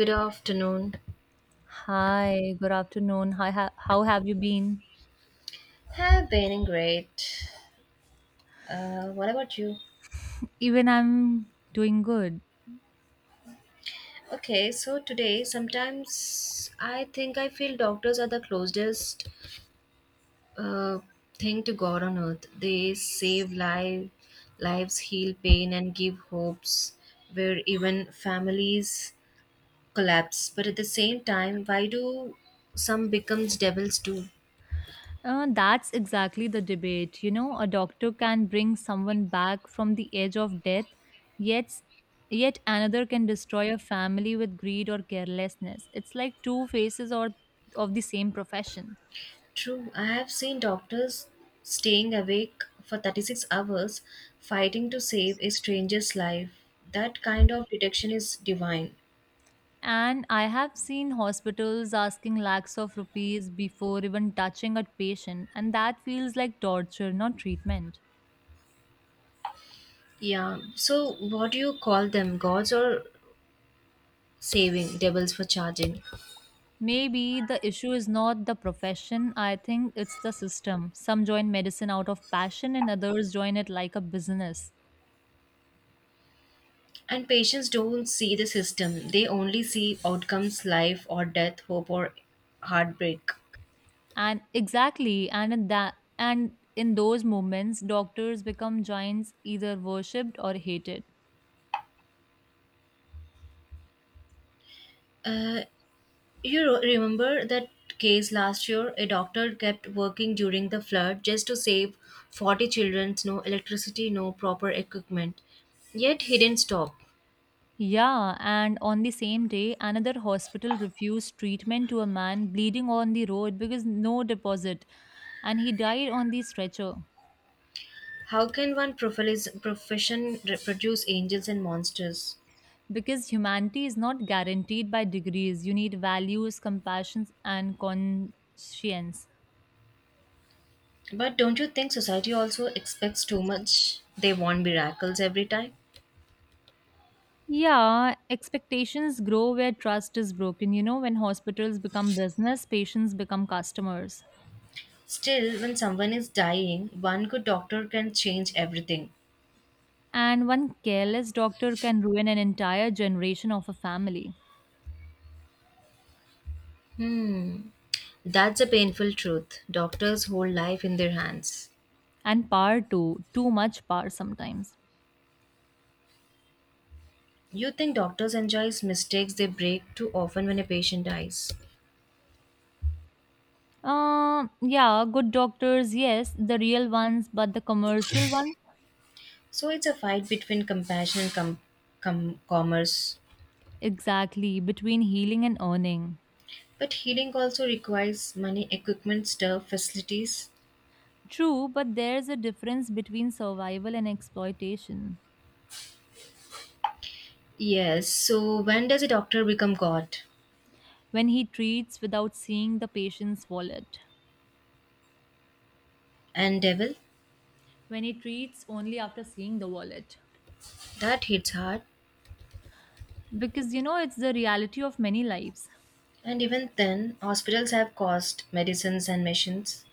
Good afternoon. Hi, good afternoon. Hi, how have you been? Have been great. What about you? Even I'm doing good. Okay, so today sometimes I think I feel doctors are the closest uh, thing to God on earth. They save life, lives, heal pain, and give hopes where even families collapse. But at the same time, why do some becomes devils too? That's exactly the debate. You know, a doctor can bring someone back from the edge of death, yet yet another can destroy a family with greed or carelessness. It's like two faces or of the same profession. True, I have seen doctors staying awake for 36 hours fighting to save a stranger's life. That kind of detection is divine. And I have seen hospitals asking lakhs of rupees before even touching a patient, and that feels like torture, not treatment. Yeah, so what do you call them? Gods or saving devils for charging? Maybe the issue is not the profession, I think it's the system. Some join medicine out of passion and others join it like a business. And patients don't see the system, they only see outcomes life or death, hope or heartbreak. And exactly, and in those moments doctors become giants, either worshipped or hated. Uh, You remember that case last year? A doctor kept working during the flood just to save 40 children, no electricity, no proper equipment. Yet he didn't stop. Yeah, and on the same day another hospital refused treatment to a man bleeding on the road because no deposit, and he died on the stretcher. How can one profession reproduce angels and monsters? Because humanity is not guaranteed by degrees. You need values, compassions and conscience. But don't you think society also expects too much? They want miracles every time. Yeah, expectations grow where trust is broken. You know, when hospitals become business, patients become customers. Still, when someone is dying, one good doctor can change everything. And one careless doctor can ruin an entire generation of a family. Hmm, that's a painful truth. Doctors hold life in their hands. And power, too much power sometimes. You think doctors enjoys mistakes they break too often when a patient dies. Yeah, good doctors, yes, the real ones, but the commercial one. So it's a fight between compassion and com- com- commerce. Exactly, between healing and earning. But healing also requires money, equipment, stuff, facilities. True, but there's a difference between survival and exploitation. Yes, so when does a doctor become God When he treats without seeing the patient's wallet, and devil? when he treats only after seeing the wallet. That hits hard. Because you know, it's the reality of many lives. And even then, hospitals have cost, medicines, and machines.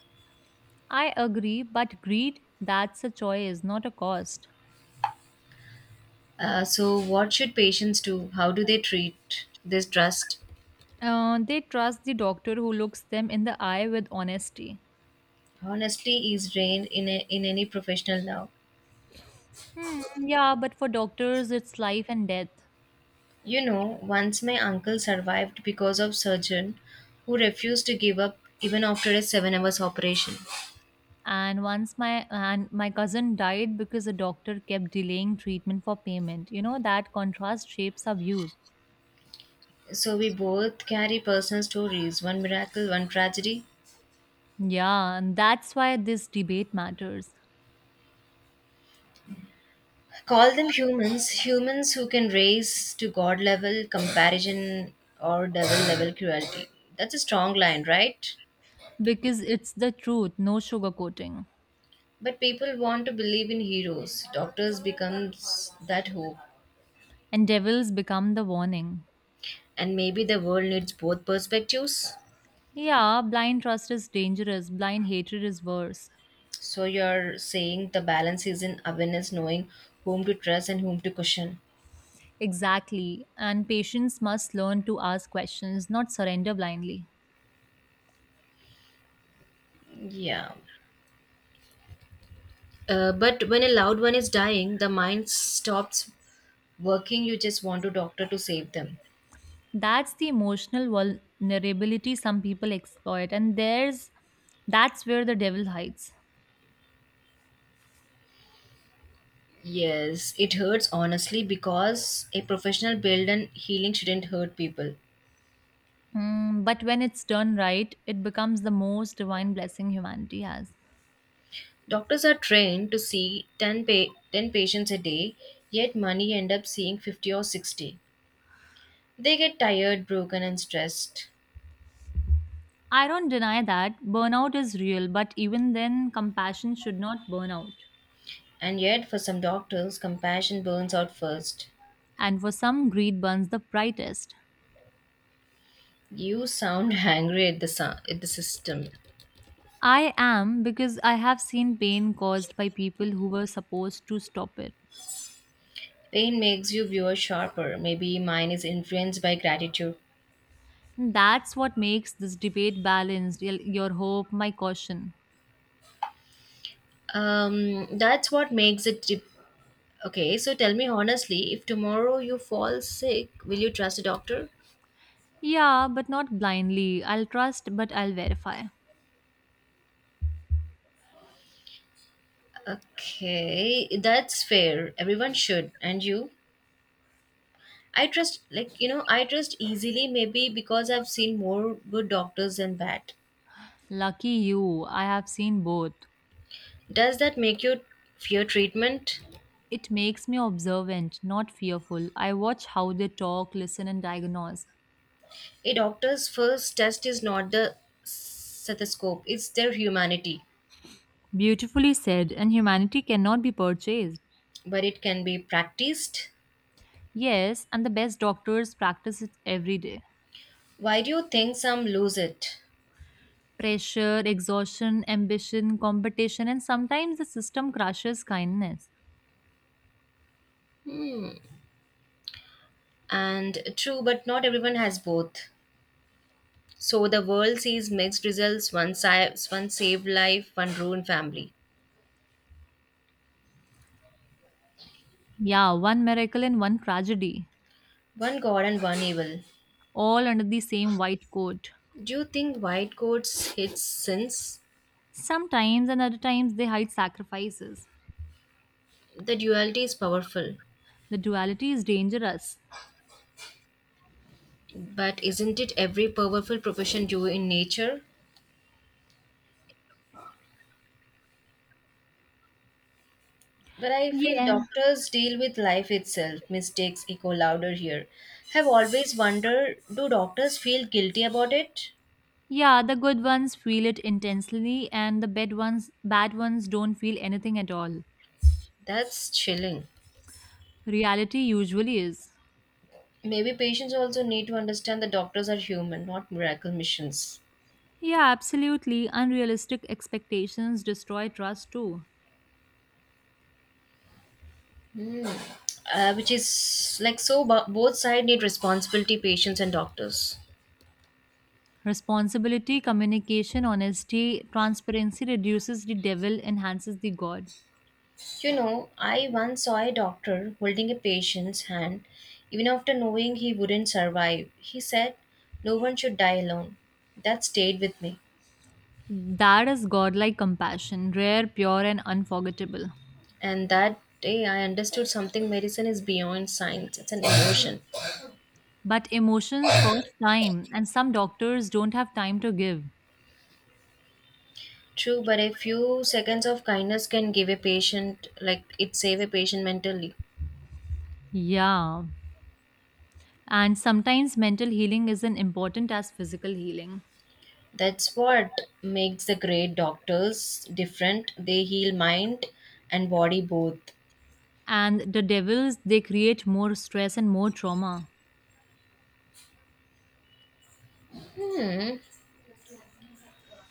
I agree, but greed, that's a choice, not a cost. So, what should patients do? How do they treat this trust? They trust the doctor who looks them in the eye with honesty. Honestly, is drained in, a, in any professional now. Hmm, yeah, but for doctors, it's life and death. You know, once my uncle survived because of surgeon who refused to give up even after a 7 hours operation. And once my cousin died because the doctor kept delaying treatment for payment. You know, that contrast shapes our views. So we both carry personal stories, one miracle, one tragedy. Yeah, and that's why this debate matters. Call them humans, humans who can raise to god level comparison or devil level cruelty. That's a strong line, right? Because it's the truth, no sugarcoating. But people want to believe in heroes. Doctors becomes that hope. And devils become the warning. And maybe the world needs both perspectives. Yeah, blind trust is dangerous, blind hatred is worse. So you're saying the balance is in awareness, knowing whom to trust and whom to question. Exactly, and patients must learn to ask questions, not surrender blindly. Yeah. But when a loved one is dying, the mind stops working. You just want a doctor to save them. That's the emotional vulnerability some people exploit, and there's that's where the devil hides. Yes, it hurts honestly because a professional build and healing shouldn't hurt people. Mm, but when it's done right, it becomes the most divine blessing humanity has. Doctors are trained to see 10 patients a day, yet money end up seeing 50 or 60. They get tired, broken, and stressed. I don't deny that burnout is real, but even then, compassion should not burn out. And yet, for some doctors, compassion burns out first. And for some, greed burns the brightest. You sound angry at at the system. I am, because I have seen pain caused by people who were supposed to stop it. Pain makes you viewer sharper. Maybe mine is influenced by gratitude. That's what makes this debate balanced, your hope, my caution. That's what makes it. Dip okay, so tell me honestly, if tomorrow you fall sick, will you trust a doctor? Yeah, but not blindly. I'll trust, but I'll verify. Okay, that's fair. Everyone should. And you? I trust, like, you know, I trust easily maybe because I've seen more good doctors than bad. Lucky you, I have seen both. Does that make you fear treatment? It makes me observant, not fearful. I watch how they talk, listen, and diagnose. A doctor's first test is not the stethoscope, it's their humanity, Beautifully said, and humanity cannot be purchased. but it can be practiced. Yes, and the best doctors practice it every day. Why do you think some lose it? Pressure, exhaustion, ambition, competition, and sometimes the system crushes kindness. And true, but not everyone has both. So the world sees mixed results one saved life, one ruined family, Yeah, one miracle and one tragedy, one god, and one evil. all under the same white coat. Do you think white coats hits sins? Sometimes, and other times they hide sacrifices. The duality is powerful, The duality is dangerous. but isn't it every powerful profession due in nature? But I feel Yeah. doctors deal with life itself. Mistakes echo louder here. Have always wondered do doctors feel guilty about it? Yeah, the good ones feel it intensely and the bad ones don't feel anything at all. That's chilling. Reality usually is. Maybe patients also need to understand that doctors are human, not miracle missions. Yeah, absolutely. Unrealistic expectations destroy trust too. Which is like so, bo- both sides need responsibility, patients and doctors. Responsibility, communication, honesty, transparency reduces the devil, enhances the God. You know, I once saw a doctor holding a patient's hand even after knowing he wouldn't survive. He said, no one should die alone. That stayed with me. That is godlike compassion, rare, pure, and unforgettable. And that day I understood something medicine is beyond science. It's an emotion. But emotions cost time, and some doctors don't have time to give. True, but a few seconds of kindness can give a patient, like it save a patient mentally. Yeah. And sometimes mental healing isn't important as physical healing. That's what makes the great doctors different. They heal mind and body both. And the devils, they create more stress and more trauma. Hmm.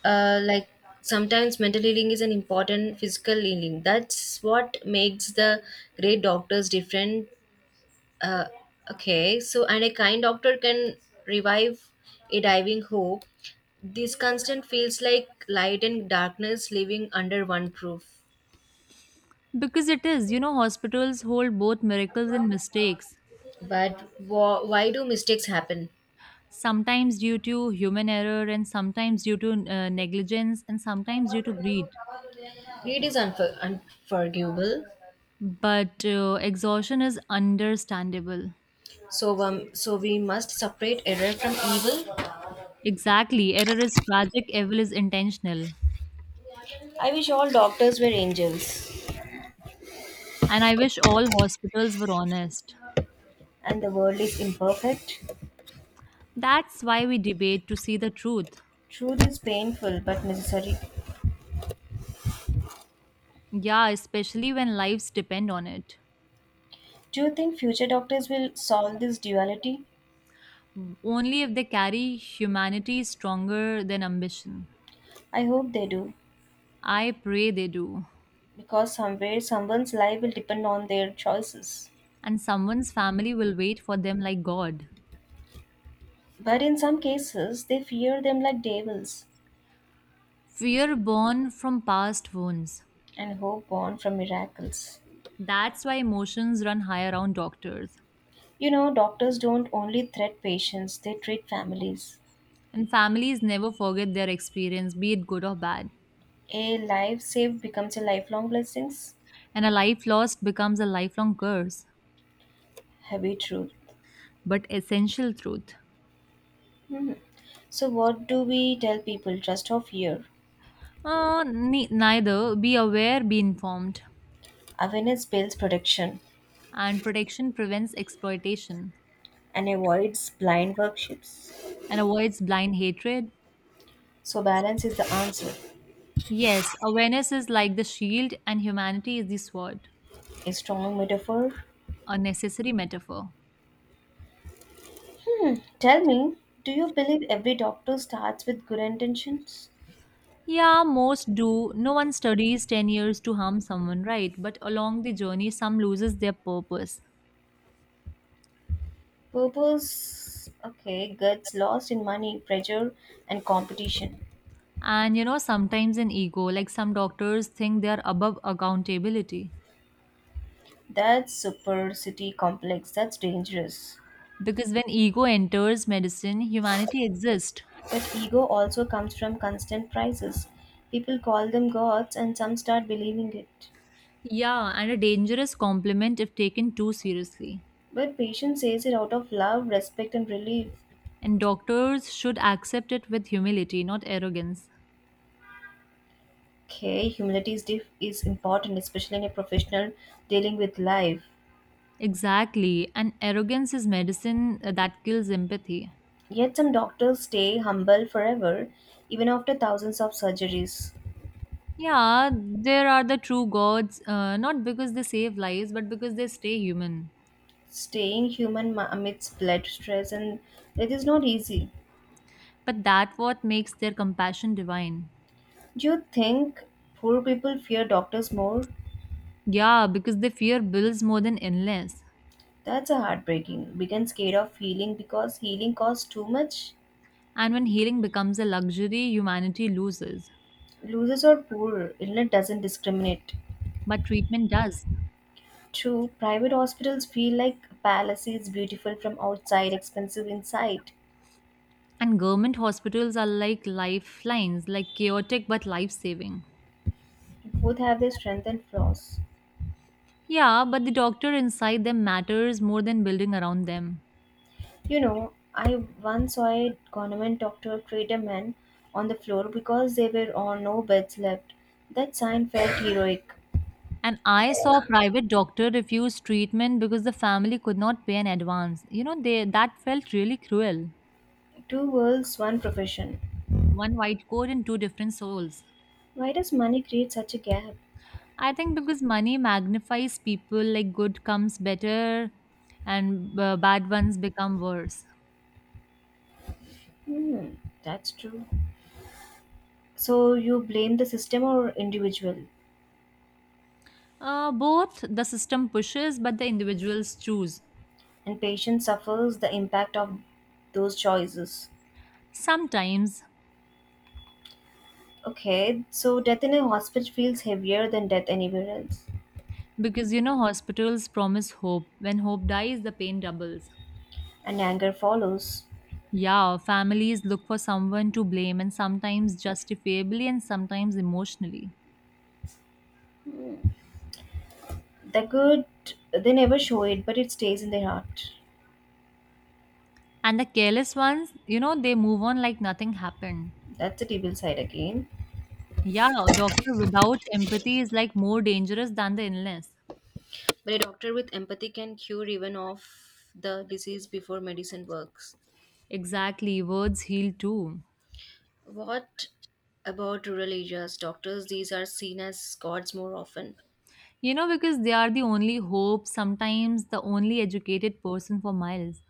Like sometimes mental healing is an important physical healing. That's what makes the great doctors different. Uh, okay, so and a kind doctor can revive a diving hope. This constant feels like light and darkness living under one roof. Because it is, you know, hospitals hold both miracles and mistakes. But why do mistakes happen? Sometimes due to human error, and sometimes due to negligence, and sometimes due to greed. Greed is unforgivable. But exhaustion is understandable. So we must separate error from evil. Exactly. Error is tragic, evil is intentional. I wish all doctors were angels. And I wish all hospitals were honest. And the world is imperfect. That's why we debate, to see the truth. Truth is painful but necessary. Yeah, especially when lives depend on it. Do you think future doctors will solve this duality? Only if they carry humanity stronger than ambition. I hope they do. I pray they do. Because somewhere someone's life will depend on their choices. And someone's family will wait for them like God. But in some cases, they fear them like devils Fear born from past wounds. and hope born from miracles. That's why emotions run high around doctors. You know, doctors don't only treat patients, they treat families. And families never forget their experience, be it good or bad. A life saved becomes a lifelong blessings. And a life lost becomes a lifelong curse, Heavy truth. but essential truth. Hmm. So, what do we tell people? Trust or fear? Neither. Be aware, be informed. Awareness builds protection And protection prevents exploitation and avoids blind workshops. and avoids blind hatred. So, balance is the answer. Yes, awareness is like the shield, and humanity is the sword. A strong metaphor. A necessary metaphor. Hmm, tell me, do you believe every doctor starts with good intentions? Yeah, most do. No one studies 10 years to harm someone, right? But along the journey, some loses their purpose. Purpose, okay, gets lost in money, pressure, and competition. And you know, sometimes an ego, like some doctors think they are above accountability. That's supercity complex. That's dangerous. Because when ego enters medicine, humanity exists. But ego also comes from constant prices. People call them gods, and some start believing it. Yeah, and a dangerous compliment if taken too seriously. But patient says it out of love, respect, and relief. And doctors should accept it with humility, not arrogance. Okay, humility is, is important, especially in a professional dealing with life. Exactly, and arrogance is medicine that kills empathy. Yet some doctors stay humble forever, even after thousands of surgeries. Yeah, there are the true gods, not because they save lives, but because they stay human. Staying human amidst blood stress and death is not easy. But that what makes their compassion divine. Do you think poor people fear doctors more? Yeah, because they fear bills more than illness. That's a heartbreaking. Become scared of healing because healing costs too much. And when healing becomes a luxury, humanity loses. Losers are poor. Illness doesn't discriminate. But treatment does. True, private hospitals feel like palaces, beautiful from outside, expensive inside. And government hospitals are like lifelines, like chaotic but life saving. Both have their strength and flaws. Yeah, but the doctor inside them matters more than building around them. You know, I once saw a government doctor treat a man on the floor because there were all no beds left. That sign felt heroic. And I saw a private doctor refuse treatment because the family could not pay in advance. You know, they that felt really cruel. Two worlds, one profession. One white coat and two different souls. Why does money create such a gap? I think because money magnifies people, like good comes better and bad ones become worse. Hmm, that's true. So you blame the system or individual, Both. The system pushes, but the individuals choose. and patient suffers the impact of those choices. Sometimes, Okay, so death in a hospital feels heavier than death anywhere else, because you know, hospitals promise hope. When hope dies, the pain doubles. and anger follows. Yeah, families look for someone to blame, and sometimes justifiably, and sometimes emotionally. They could they never show it but it stays in their heart. And the careless ones, you know, they move on like nothing happened. That's the evil side again. Yeah, a doctor without empathy is like more dangerous than the illness. But a doctor with empathy can cure even of the disease before medicine works. Exactly, words heal too. What about rural areas? Doctors, these are seen as gods more often. You know, because they are the only hope, sometimes the only educated person for miles.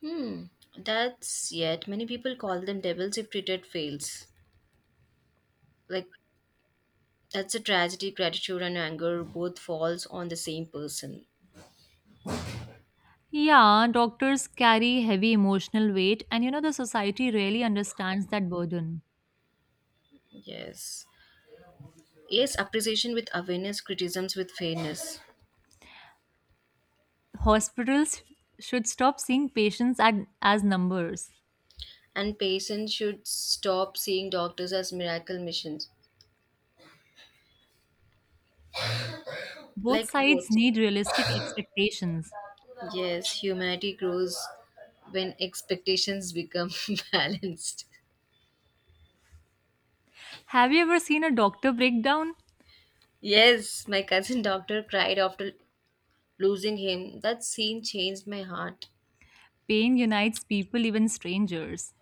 Hmm, that's yet many people call them devils if treated fails. Like that's a tragedy. Gratitude and anger both falls on the same person. Yeah, doctors carry heavy emotional weight, and you know, the society really understands that burden. Yes. Yes, appreciation with awareness, criticisms with fairness. Hospitals should stop seeing patients at as numbers. And patients should stop seeing doctors as miracle missions. Both Like sides both. need realistic expectations. Yes, humanity grows when expectations become balanced. Have you ever seen a doctor breakdown? Yes, my cousin doctor cried after losing him. That scene changed my heart. Pain unites people, even strangers.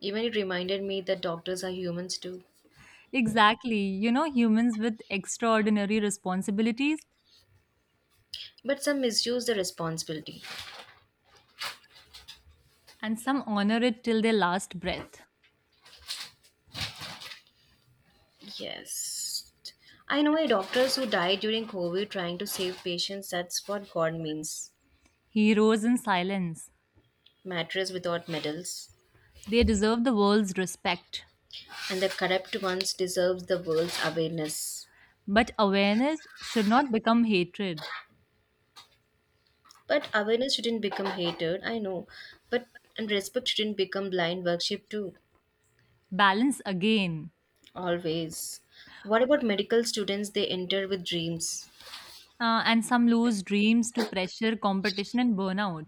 Even it reminded me that doctors are humans too. Exactly. You know, humans with extraordinary responsibilities, But some misuse the responsibility. and some honor it till their last breath. Yes. I know a doctors who died during COVID trying to save patients. That's what God means. Heroes in silence. Mattress without medals. They deserve the world's respect. And the corrupt ones deserves the world's awareness. But awareness should not become hatred. But awareness shouldn't become hatred, I know. But and respect shouldn't become blind worship too. Balance again. Always. What about medical students they enter with dreams? And some lose dreams to pressure, competition, and burnout.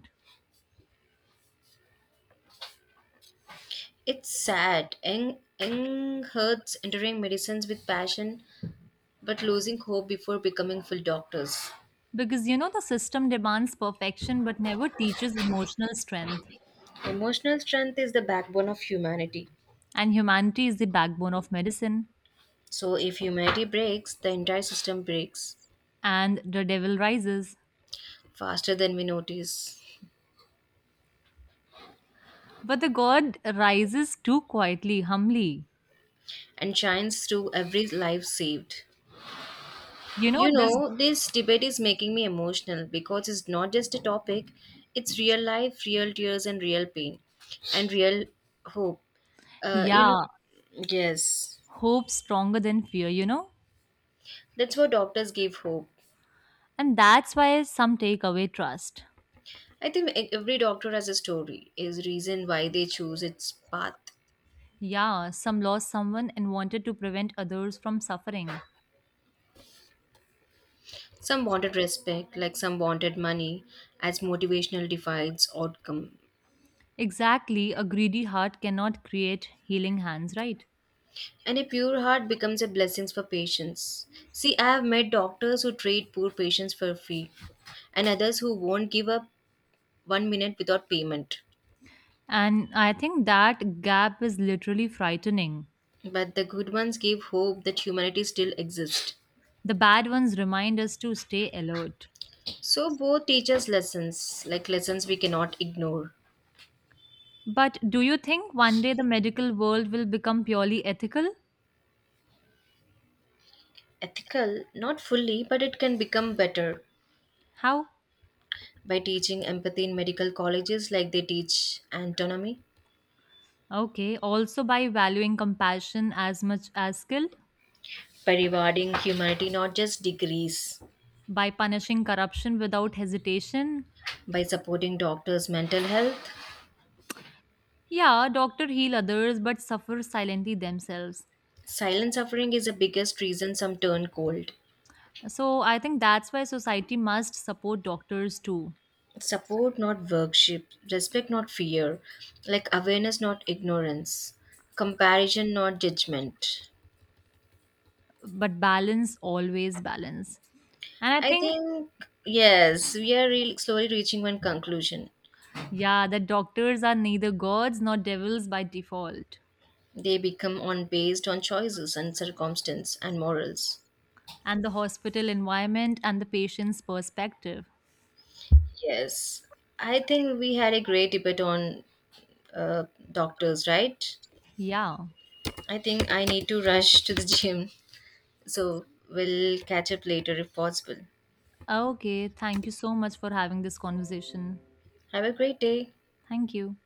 It's sad. Eng hurts entering medicines with passion but losing hope before becoming full doctors. Because you know, the system demands perfection but never teaches emotional strength. Emotional strength is the backbone of humanity. And humanity is the backbone of medicine. So if humanity breaks, the entire system breaks And the devil rises. faster than we notice. But the God rises too, quietly, humbly. And shines through every life saved. You know, You know, this debate is making me emotional because it's not just a topic, it's real life, real tears, and real pain, and real hope. Uh, you know, yeah, yes, hope stronger than fear, you know? that's what doctors give hope. And that's why some take away trust. I think every doctor has a story, is reason why they choose its path. Yeah, some lost someone and wanted to prevent others from suffering. Some wanted respect, like some wanted money, as motivational divides outcome. Exactly, a greedy heart cannot create healing hands, right? And a pure heart becomes a blessing for patients. See, I have met doctors who treat poor patients for free, and others who won't give up 1 minute without payment. And I think that gap is literally frightening. But the good ones give hope that humanity still exists. The bad ones remind us to stay alert. So both teach us lessons, like lessons we cannot ignore. But do you think one day the medical world will become purely ethical? Ethical, not fully, but it can become better How? by teaching empathy in medical colleges like they teach anatomy, Okay, also by valuing compassion as much as skill, by rewarding humanity not just degrees, by punishing corruption without hesitation. by supporting doctors' mental health. Yeah, doctor heal others but suffer silently themselves. Silent suffering is the biggest reason some turn cold. So I think that's why society must support doctors too. Support, not worship. Respect, not fear. Like awareness, not ignorance. Comparison, not judgment. But balance, always balance. And I I think, think, yes, we are really slowly reaching one conclusion. yeah, that doctors are neither gods nor devils by default. They become on based on choices and circumstance and morals. And the hospital environment and the patient's perspective. Yes. I think we had a great debate on uh, doctors, right? Yeah. I think I need to rush to the gym. So we'll catch up later if possible. Okay. Thank you so much for having this conversation. Have a great day. Thank you.